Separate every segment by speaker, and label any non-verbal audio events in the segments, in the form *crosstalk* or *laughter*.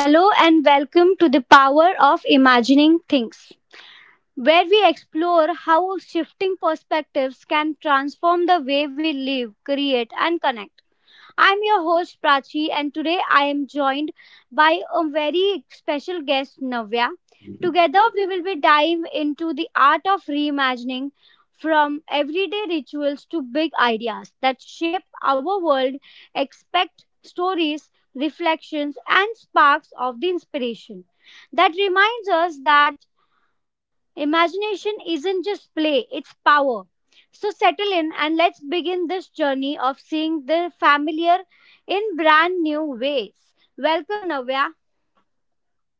Speaker 1: Hello and welcome to the Power of Imagining Things, where we explore how shifting perspectives can transform the way we live, create, and connect. I'm your host Prachi, and today I am joined by a very special guest, Navya. Together, we will be dive into the art of reimagining from everyday rituals to big ideas that shape our world, expect stories, reflections, and sparks of the inspiration. That reminds us that imagination isn't just play, it's power. So settle in and let's begin this journey of seeing the familiar in brand new ways. Welcome, Navya.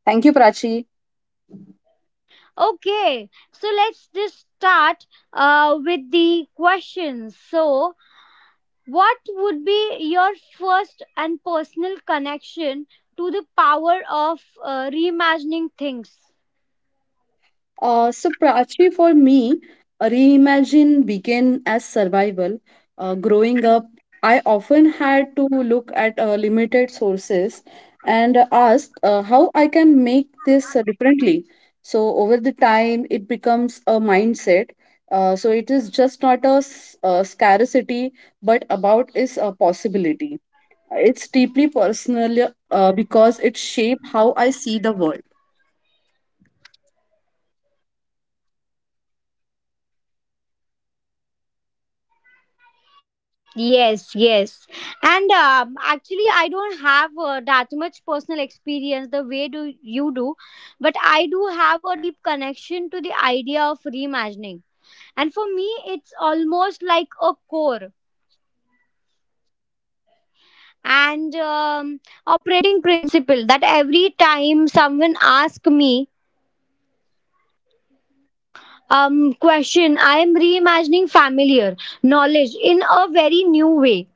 Speaker 2: Thank you.
Speaker 1: Okay, so let's just start with the questions. So, what would be your first and personal connection to the power of reimagining things?
Speaker 2: So, Prachi, for me, reimagine began as survival. Growing up, I often had to look at limited sources and ask how I can make this differently. So, over the time, it becomes a mindset. So, it is just not a, scarcity, but about is a possibility. It's deeply personal because it shapes how I see the world.
Speaker 1: Yes, yes. And actually, I don't have that much personal experience the way do you do, but I do have a deep connection to the idea of reimagining. And for me, it's almost like a core and operating principle that every time someone asks me question, I am reimagining familiar knowledge in a very new way,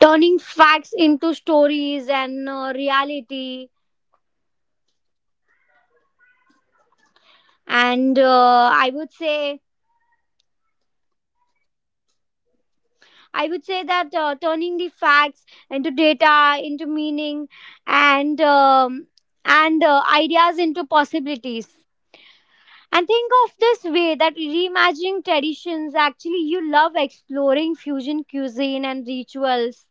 Speaker 1: turning facts into stories and reality, and I would say that turning the facts into data into meaning, and ideas into possibilities. And think of this way that reimagining traditions, actually you love exploring fusion cuisine and rituals,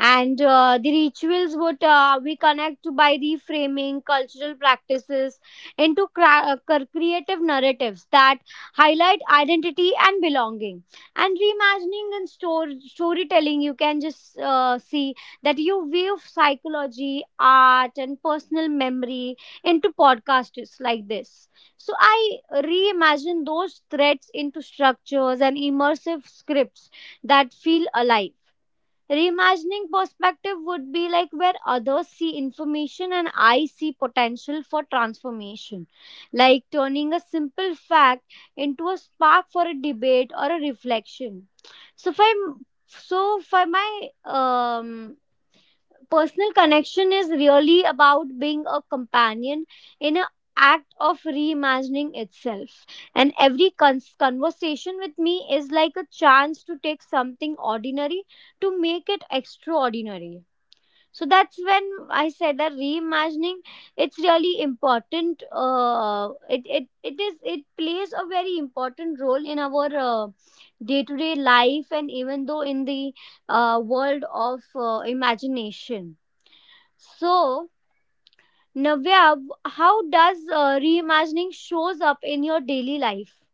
Speaker 1: and the rituals would we connect by reframing cultural practices into creative narratives that highlight identity and belonging. And reimagining and storytelling, you can just see that you weave psychology, art and personal memory into podcasts like this. So I reimagine those threads into structures and immersive scripts that feel alive. Reimagining perspective would be like where others see information and I see potential for transformation, like turning a simple fact into a spark for a debate or a reflection. So, if I so for my personal connection is really about being a companion in an act of reimagining itself. And every conversation with me is like a chance to take something ordinary to make it extraordinary. So that's when I said that reimagining, it's really important. It plays a very important role in our day-to-day life, and even though in the world of imagination. So, Navya, how does reimagining shows up in your daily life?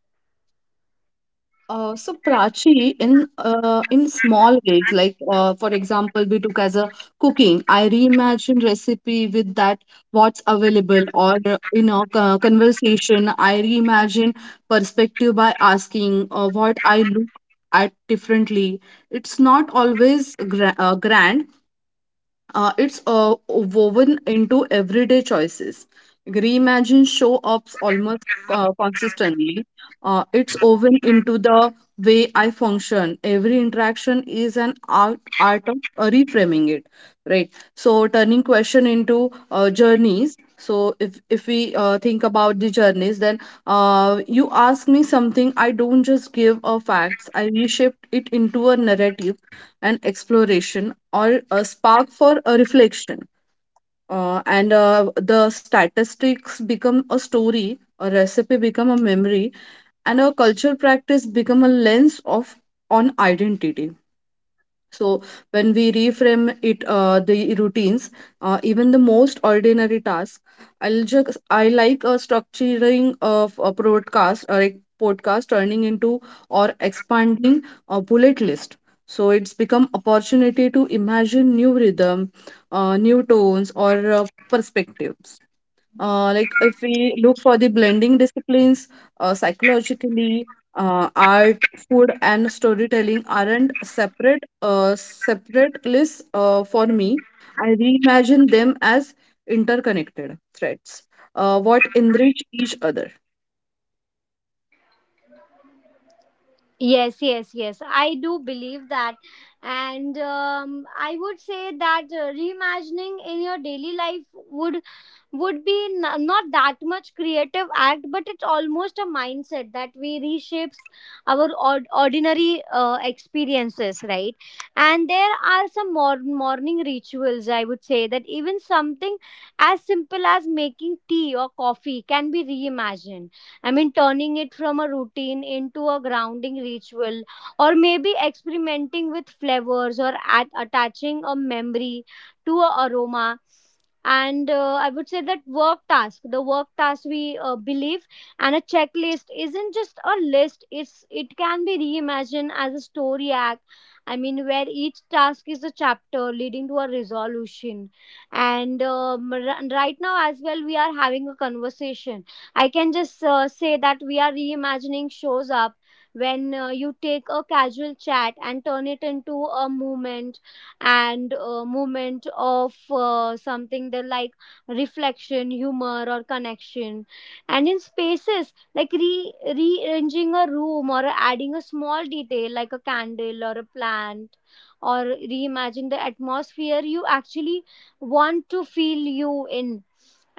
Speaker 2: So Prachi, in small ways, like for example, we took as a cooking. I reimagine recipe with that what's available, or in a conversation, I reimagine perspective by asking what I look at differently. It's not always grand, it's woven into everyday choices. Reimagine show ups almost consistently. It's woven into the way I function. Every interaction is art of reframing it, right? So turning question into journeys. So if we think about the journeys, then you ask me something. I don't just give a facts. I reshape it into a narrative and exploration or a spark for a reflection. And the statistics become a story, a recipe become a memory, and a culture practice become a lens of on identity. So when we reframe it, the routines, even the most ordinary tasks, I like a structuring of a broadcast or a podcast turning into or expanding a bullet list. So it's become opportunity to imagine new rhythm, new tones or perspectives. Like if we look for the blending disciplines, psychologically, art, food, and storytelling aren't separate lists for me. I reimagine them as interconnected threads, what enrich each other.
Speaker 1: Yes, yes, yes. I do believe that, and I would say that reimagining in your daily life would be not that much creative act, but it's almost a mindset that we reshapes our ordinary experiences, right? And there are some morning rituals, I would say, that even something as simple as making tea or coffee can be reimagined. I mean, turning it from a routine into a grounding ritual, or maybe experimenting with flavors, or attaching a memory to a aroma. And I would say that work task we believe, and a checklist isn't just a list, it's it can be reimagined as a story arc. I mean, where each task is a chapter leading to a resolution. And right now as well, we are having a conversation. I can just say that we are reimagining shows up when you take a casual chat and turn it into a movement, and movement of something that like reflection, humor or connection. And in spaces like rearranging a room or adding a small detail like a candle or a plant, or reimagine the atmosphere you actually want to feel you in.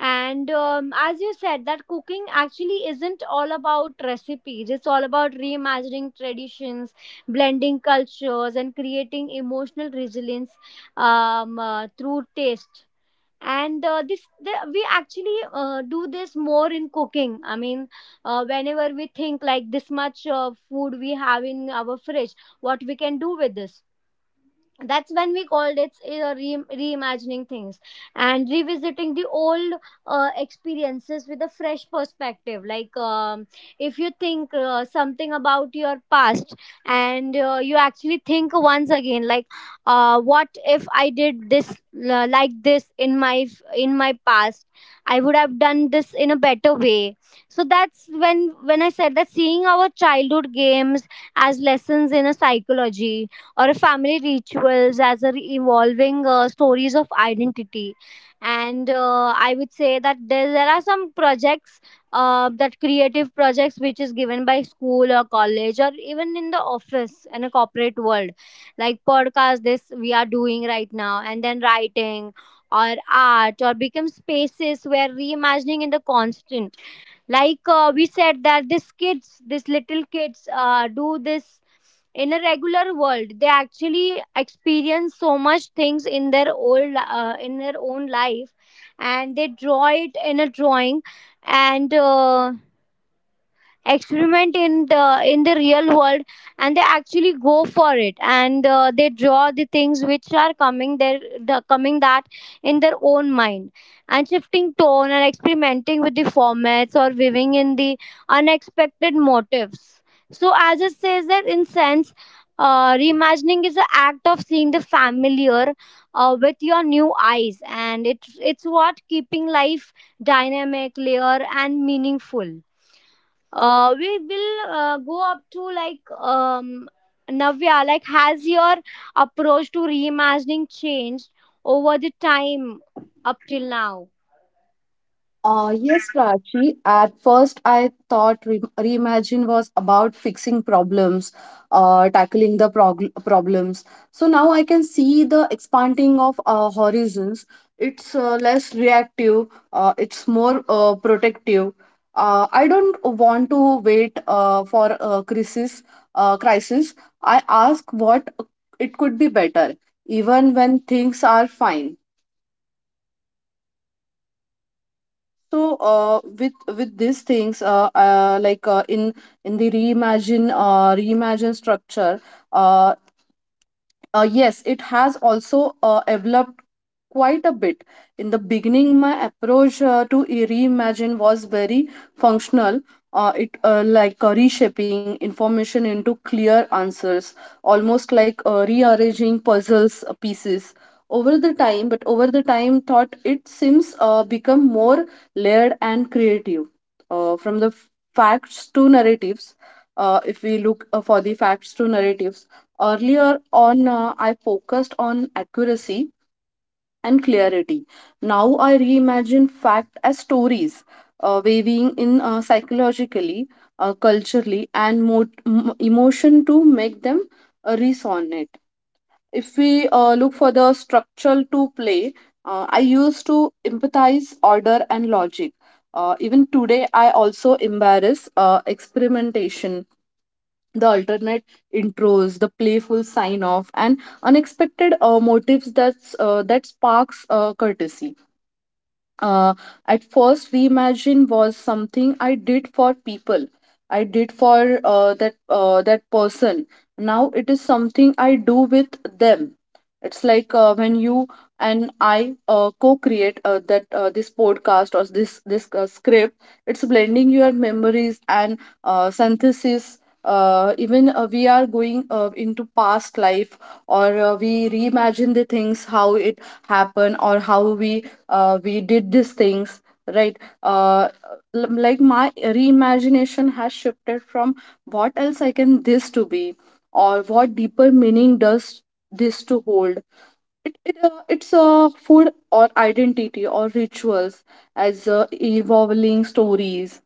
Speaker 1: And as you said that cooking actually isn't all about recipes, it's all about reimagining traditions, blending cultures and creating emotional resilience, through taste. And we actually do this more in cooking. I mean, whenever we think like this much food we have in our fridge, what we can do with this, that's when we called it reimagining things. And revisiting the old experiences with a fresh perspective, like if you think something about your past, and you actually think once again like what if I did this like this in my past, I would have done this in a better way. So that's when I said that seeing our childhood games as lessons in a psychology, or a family rituals as a evolving stories of identity. And I would say that there are some projects, that creative projects which is given by school or college, or even in the office and a corporate world, like podcast this we are doing right now, and then writing or art or become spaces where reimagining in the constant. Like we said that these kids, these little kids do this in a regular world, they actually experience so much things in their own life, and they draw it in a drawing, and experiment in the real world, and they actually go for it, and they draw the things which are coming their the coming that in their own mind. And shifting tone and experimenting with the formats, or weaving in the unexpected motifs. So as it says that in sense, reimagining is an act of seeing the familiar with your new eyes, and it, it's what keeping life dynamic, layer and meaningful. Uh, we will go up to like Navya. Like, has your approach to reimagining changed over the time up till now?
Speaker 2: Yes, Prachi. At first, I thought reimagine was about fixing problems, tackling the problems. So now I can see the expanding of horizons. It's less reactive. It's more protective. I don't want to wait for a crisis. Crisis. I ask what it could be better, even when things are fine. So with these things, in the reimagine structure uh, yes it has also developed quite a bit. In the beginning my approach to reimagine was very functional. It reshaping information into clear answers, almost like rearranging puzzles pieces. Over the time thought it seems become more layered and creative. From the facts to narratives, if we look for the facts to narratives, earlier on, I focused on accuracy and clarity. Now I reimagine fact as stories, weaving in psychologically, culturally, and emotion to make them resonate. If we look for the structural to play, I used to empathize order and logic. Even today, I also embrace experimentation, the alternate intros, the playful sign off and unexpected motives, that's that sparks courtesy. uh, at first reimagine was something I did for people, I did for that person. Now it is something I do with them. It's like when you and I co-create that this podcast or this script. It's blending your memories and synthesis. Even we are going into past life, or we reimagine the things how it happened or how we did these things, right? Like my reimagination has shifted from what else I can this to be, or what deeper meaning does this to hold. It it's a food or identity or rituals as evolving stories.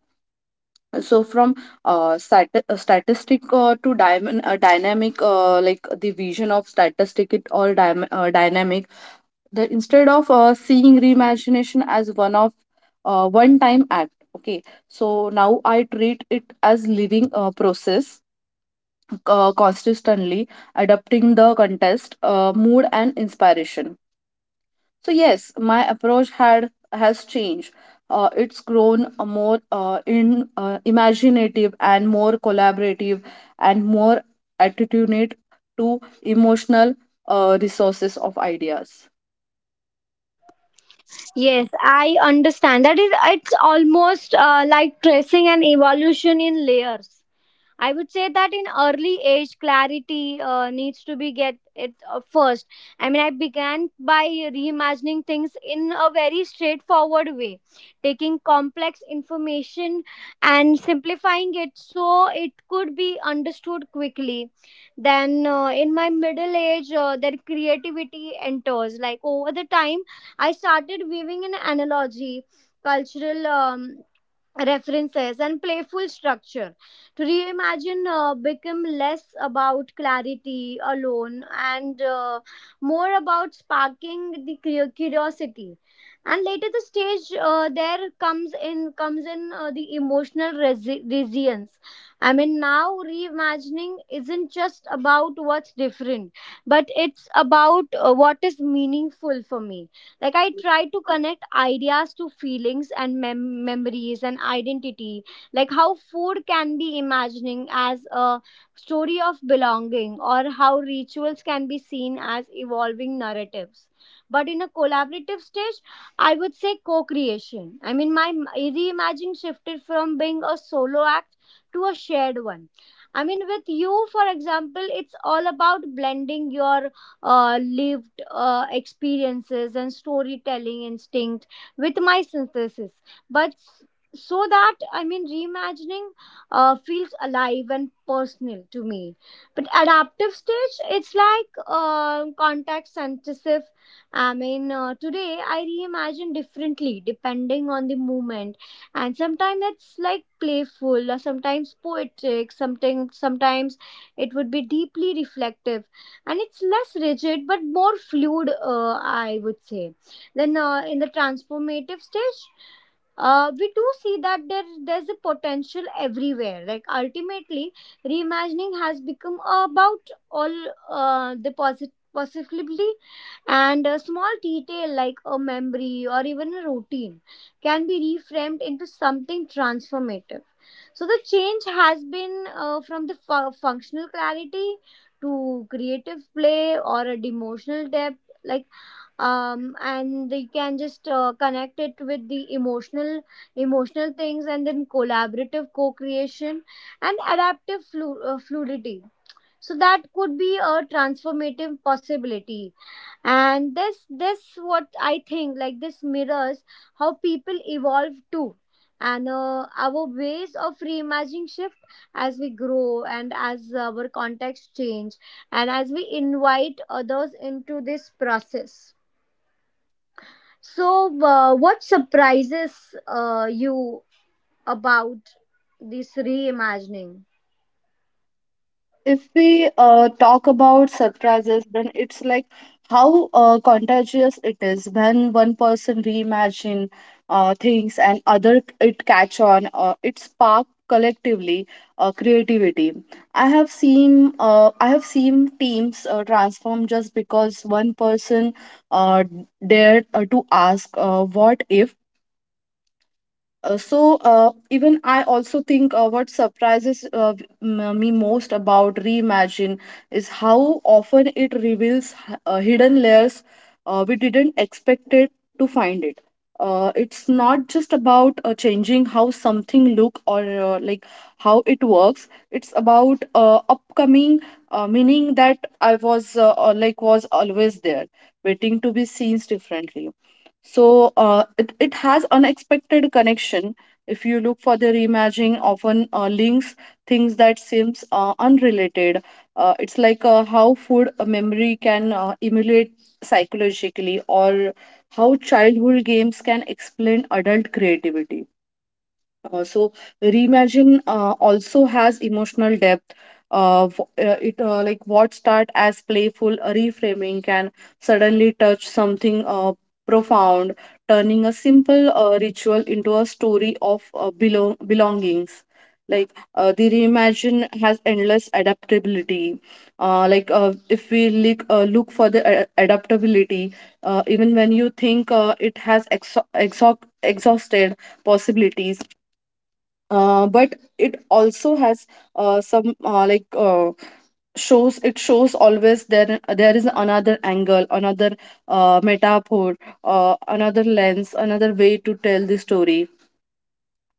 Speaker 2: So from statistic to diamond dynamic, like the vision of statistic it or dynamic. The Instead of seeing reimagination as one time act, okay? So now I treat it as living process, consistently adapting the contest, mood and inspiration. So yes, my approach had has changed. It's grown a more in imaginative and more collaborative and more attitudinate to emotional resources of ideas.
Speaker 1: Yes, I understand. That is, it's almost like tracing an evolution in layers. I would say that in early age, clarity needs to be get it first. I mean, I began by reimagining things in a very straightforward way, taking complex information and simplifying it so it could be understood quickly. Then, in my middle age, their creativity enters. Like over the time, I started weaving an analogy, cultural. References and playful structure to reimagine become less about clarity alone, and more about sparking the curiosity. And later the stage, there comes in comes in the emotional resilience. I mean, now reimagining isn't just about what's different, but it's about what is meaningful for me. Like I try to connect ideas to feelings and memories and identity. Like how food can be imagining as a story of belonging, or how rituals can be seen as evolving narratives. But in a collaborative stage, I would say co-creation. I mean, my reimagining shifted from being a solo act to a shared one. I mean, with you, for example, it's all about blending your lived experiences and storytelling instinct with my synthesis. But s- so that, I mean, reimagining feels alive and personal to me. But adaptive stage, it's like context sensitive. I mean, today I reimagine differently depending on the moment, and sometimes it's like playful, or sometimes poetic, something sometimes it would be deeply reflective, and it's less rigid but more fluid, I would say. Then in the transformative stage, we do see that there's a potential everywhere. Like ultimately, reimagining has become about all the possibility, and a small detail like a memory or even a routine can be reframed into something transformative. So the change has been from the functional clarity to creative play, or a emotional depth, like and they can just connect it with the emotional things, and then collaborative co-creation and adaptive fluidity. So that could be a transformative possibility. And this what I think, like this mirrors how people evolve too. And our ways of reimagining shift as we grow, and as our context change, and as we invite others into this process. So what surprises you about this reimagining?
Speaker 2: If we talk about surprises, then it's like how contagious it is when one person reimagine things and other it catch on. It spark collectively creativity. I have seen teams transform just because one person uh, dared to ask what if. Even I also think what surprises me most about reimagine is how often it reveals hidden layers we didn't expect it to find it. It's not just about changing how something look or like how it works. It's about upcoming meaning that I was like was always there, waiting to be seen differently. So it has unexpected connection. If you look for the reimagining, often links things that seems unrelated. It's like how food memory can emulate psychologically, or how childhood games can explain adult creativity. Uh, so Reimagine also has emotional depth. W- it like What start as playful reframing can suddenly touch something profound, turning a simple ritual into a story of belongings. Like the reimagine has endless adaptability. Like if we look for the adaptability, even when you think it has exo exhaust exhausted possibilities, but it also has some like shows it shows always there there is another angle, another metaphor, another lens, another way to tell the story.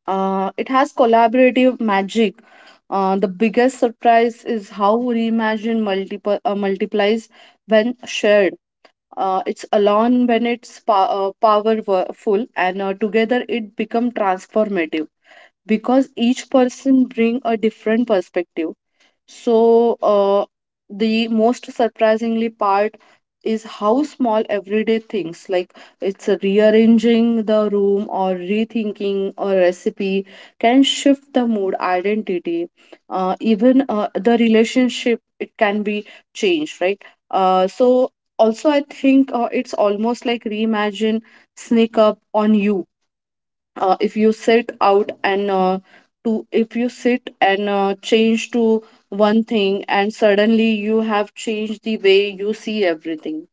Speaker 2: It has collaborative magic. The biggest surprise is how reimagine multiple multiplies when shared. Uh, it's alone when it's powerful and together it become transformative, because each person bring a different perspective. So the most surprisingly part is how small everyday things like it's rearranging the room or rethinking a recipe can shift the mood identity, even the relationship it can be changed, right? uh, so Also I think it's almost like reimagine sneak up on you. If you sit out and to If you sit and change to one thing and suddenly you have changed the way you see everything.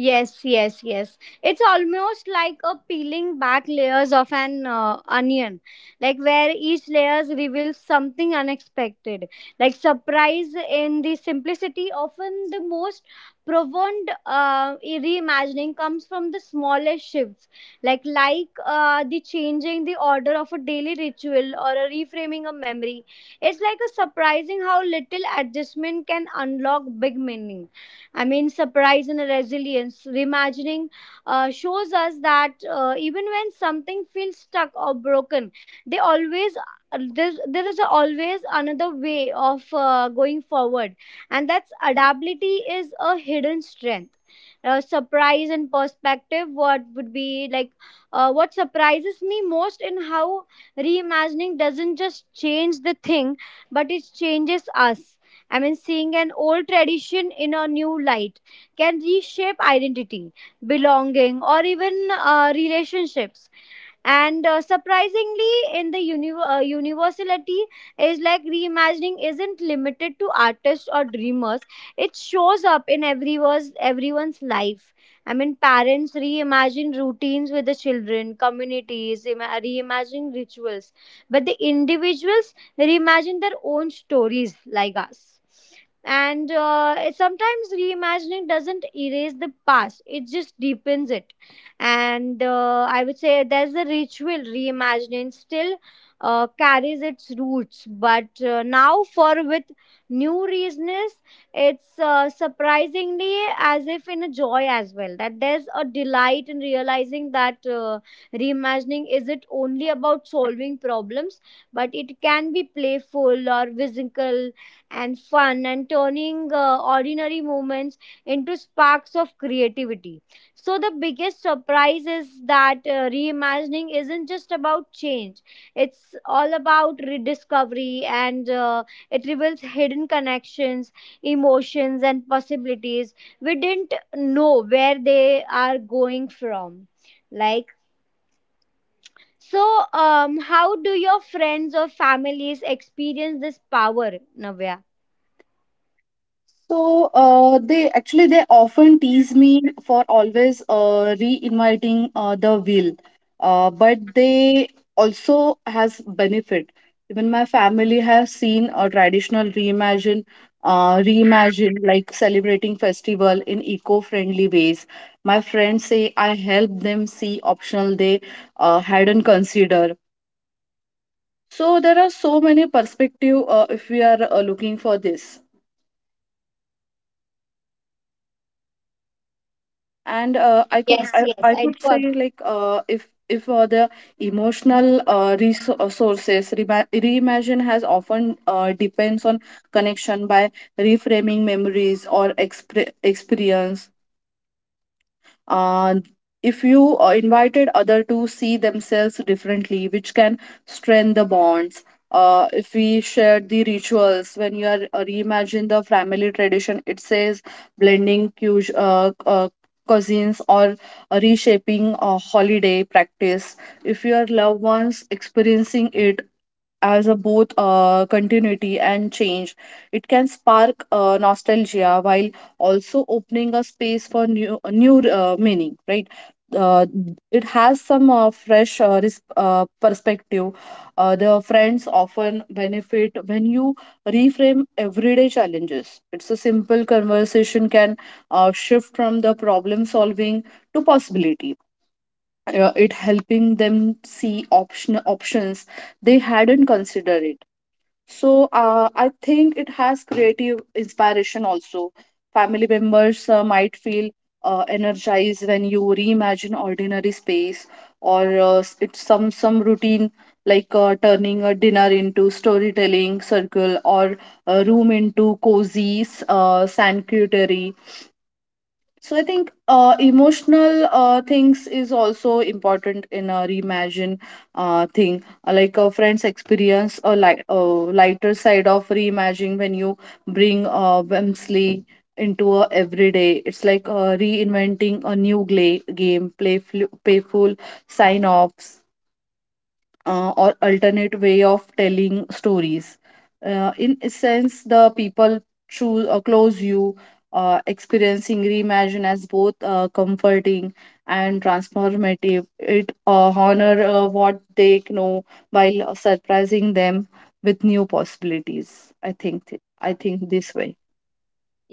Speaker 1: Yes, yes, yes. It's almost like a peeling back layers of an onion, like where each layers reveals something unexpected, like surprise in the simplicity. Often, the most profound reimagining comes from the smallest shifts, like the changing the order of a daily ritual, or a reframing of memory. It's like a surprising how little adjustment can unlock big meaning. I mean, surprise and resilience. Reimagining shows us that even when something feels stuck or broken, they always there is always another way of going forward, and that's adaptability is a hidden strength. Surprise and perspective. What would be like? What surprises me most in how reimagining doesn't just change the thing, but it changes us. I mean, seeing an old tradition in a new light can reshape identity, belonging, or even relationships. And surprisingly, in the universality, is like reimagining isn't limited to artists or dreamers. It shows up in everyone's life. I mean, parents reimagine routines with the children, communities reimagine rituals, but the individuals reimagine their own stories, like us, and sometimes reimagining doesn't erase the past, it just deepens it. And I would say there's a ritual reimagining still carries its roots, but now for with new reasons. It's surprisingly as if in a joy as well, that there's a delight in realizing that reimagining isn't only about solving problems, but it can be playful or whimsical and fun, and turning ordinary moments into sparks of creativity. So, the biggest surprise is that reimagining isn't just about change, it's all about rediscovery, and it reveals hidden connections, emotions, and possibilities we didn't know where they are going from. Like, so, how do your friends or families experience this power, Navya?
Speaker 2: So they often tease me for always re-inviting the wheel, but they also has benefit. Even my family has seen a traditional reimagine like celebrating festival in eco-friendly ways. My friends say I help them see optional they hadn't considered. So there are so many perspective if we are looking for this. And
Speaker 1: Yes, yes,
Speaker 2: I
Speaker 1: I
Speaker 2: could say
Speaker 1: do.
Speaker 2: like if the emotional resources reimagine has often depends on connection by reframing memories or experience. uh, if you invited other to see themselves differently, which can strengthen the bonds. If we share the rituals when you are reimagine the family tradition, it says blending cousins or reshaping holiday practice, if your loved ones experiencing it as a both continuity and change. It can spark nostalgia while also opening a space for new meaning, right? Uh, it has some fresh perspective. The friends often benefit when you reframe everyday challenges. It's a simple conversation can shift from the problem solving to possibility. It helping them see options they hadn't considered it. So I think it has creative inspiration also. Family members might feel energized when you reimagine ordinary space or it's some routine, like turning a dinner into storytelling circle or a room into cozy sanctuary. So I think emotional things is also important in a reimagine thing. Like friends experience a lighter side of reimagining when you bring whimsy into a everyday. It's like reinventing a new game, playful sign-offs, or alternate way of telling stories. In a sense, the people choose or close you, experiencing reimagine as both comforting and transformative. It honor what they know while surprising them with new possibilities. I think this way.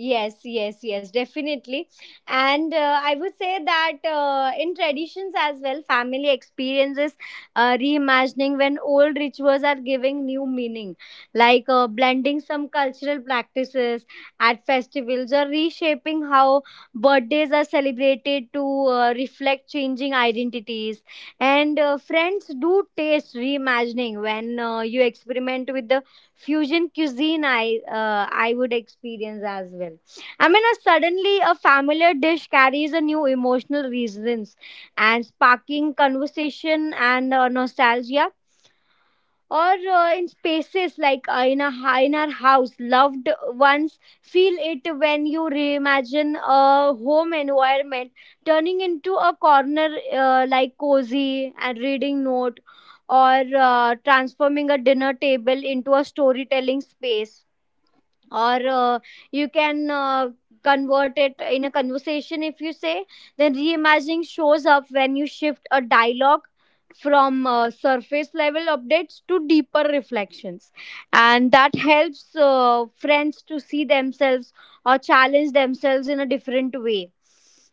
Speaker 1: Yes, yes, yes, definitely. And I would say that in traditions as well, family experiences reimagining when old rituals are giving new meaning, like blending some cultural practices at festivals, or reshaping how birthdays are celebrated to reflect changing identities. And friends do taste reimagining when you experiment with the fusion cuisine. I would experience as well. I mean, suddenly a familiar dish carries a new emotional resonance, and sparking conversation and nostalgia, or in spaces like in our house, loved ones feel it when you reimagine a home environment, turning into a corner, like cozy and reading note, or transforming a dinner table into a storytelling space, or you can convert it in a conversation. If you say, then reimagining shows up when you shift a dialogue from surface level updates to deeper reflections, and that helps friends to see themselves or challenge themselves in a different way.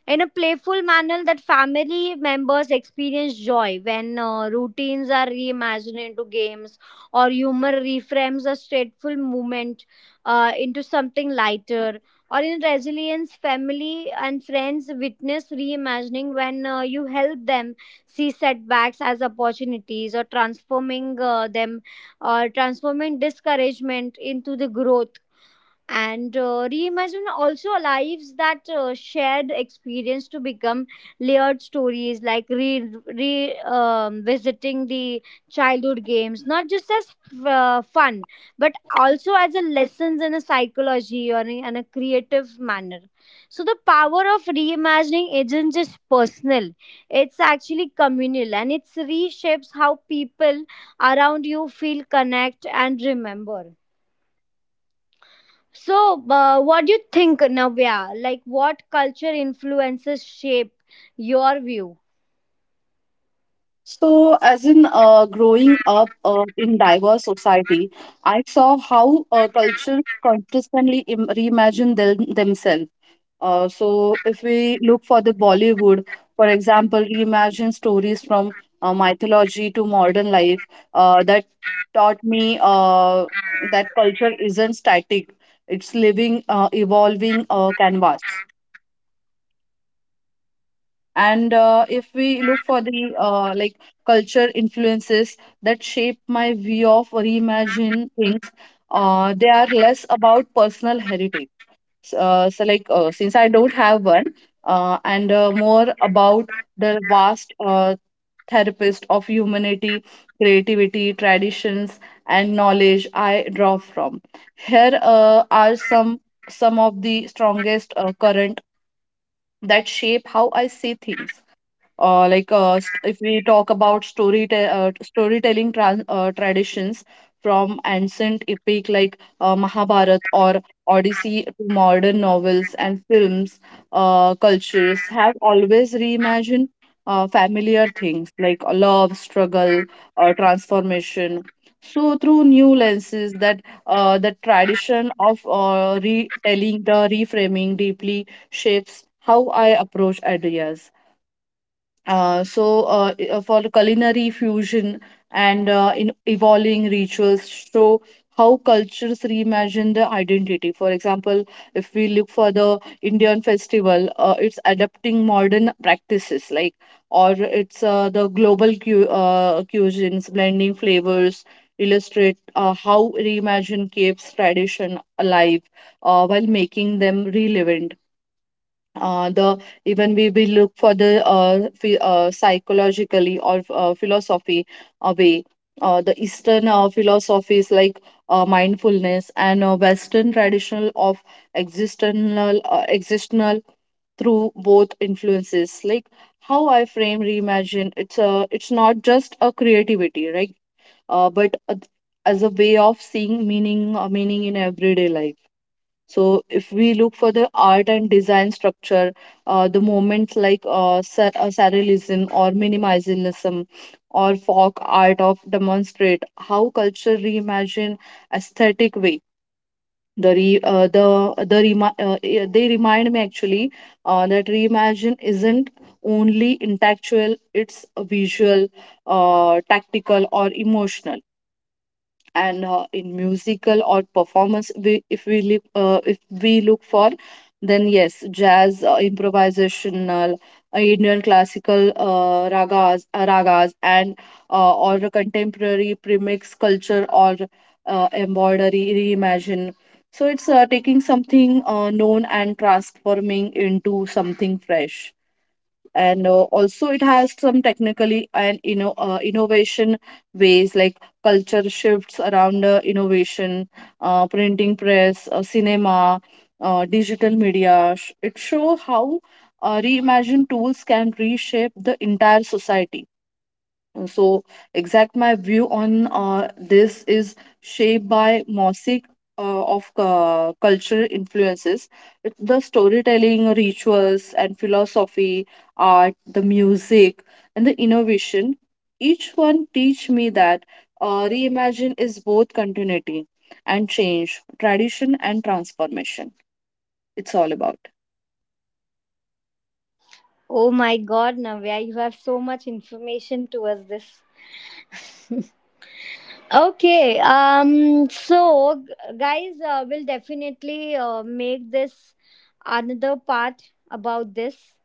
Speaker 1: In a playful manner, that family members experience joy when routines are reimagined into games, or humor reframes a stateful moment into something lighter. Or in resilience, family and friends witness reimagining when you help them see setbacks as opportunities, or transforming them, or transforming discouragement into the growth. And reimagine also lives that shared experience to become layered stories, like re, re visiting the childhood games, not just as fun, but also as a lessons in a psychology, or in a creative manner. So the power of reimagining isn't just personal, it's actually communal, and it reshapes how people around you feel, connect, and remember. So, what do you think, Navya? Like, what culture influences shape your view?
Speaker 2: So, as in growing up in diverse society, I saw how cultures consistently reimagine themselves. So, if we look for the Bollywood, for example, reimagine stories from mythology to modern life, that taught me that culture isn't static; it's living, evolving canvas. And if we look for the culture influences that shape my view of reimagine things, they are less about personal heritage, S- so like since I don't have one, and more about the vast therapist of humanity, creativity, traditions, and knowledge I draw from here. Are some of the strongest current that shape how I see things. If we talk about storytelling trans traditions, from ancient epic like Mahabharat or Odyssey to modern novels and films, cultures have always reimagined familiar things like love, struggle, transformation. So through new lenses that the tradition of retelling the reframing deeply shapes how I approach ideas. For the culinary fusion and in evolving rituals, show how cultures reimagine the identity. For example, if we look for the Indian festival, it's adapting modern practices, like, or it's the global cu cuisines, blending flavors, illustrate how reimagine keeps tradition alive while making them relevant. The Even we, will look for the psychologically or philosophy way. The eastern philosophies like mindfulness and western traditional of existential, through both influences like how I frame reimagine, it's a it's not just a creativity, right? But a, as a way of seeing meaning in everyday life. So if we look for the art and design structure, the movements like surrealism or minimalism or folk art of demonstrate how culture reimagine aesthetic way. The re, the remi- eh, They remind me actually that reimagine isn't only intellectual; it's visual, tactical, or emotional. And in musical or performance if we look for, then yes, jazz improvisational, Indian classical ragas, and or a contemporary premix culture or embroidery reimagine. So it's taking something known and transforming into something fresh. And also it has some technically and you know innovation ways, like culture shifts around innovation, printing press, cinema, digital media. It shows how reimagined tools can reshape the entire society. So, exact my view on this is shaped by mosaic of cultural influences. The storytelling, rituals, and philosophy, art, the music, and the innovation. Each one teach me that reimagine is both continuity and change, tradition and transformation. It's all about.
Speaker 1: Oh my God, Navya, you have so much information to us. This. *laughs* Okay, so, guys, we'll definitely make this another part about this,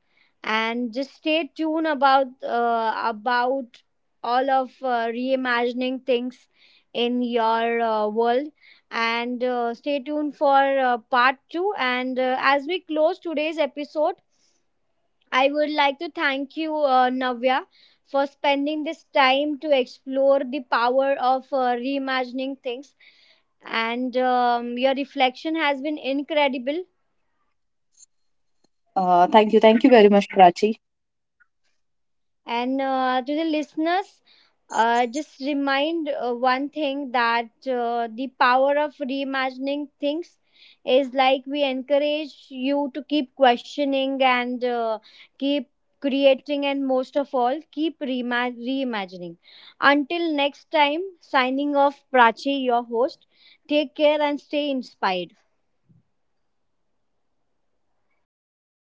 Speaker 1: and just stay tuned about all of reimagining things in your world, and stay tuned for part two. And as we close today's episode, I would like to thank you, Navya, for spending this time to explore the power of reimagining things. And your reflection has been incredible.
Speaker 2: Thank you. Thank you very much, Prachi.
Speaker 1: And to the listeners, just remind one thing, that the power of reimagining things is like, we encourage you to keep questioning, and keep creating, and most of all, keep reimagining. Until next time, signing off, Prachi, your host. Take care and stay inspired.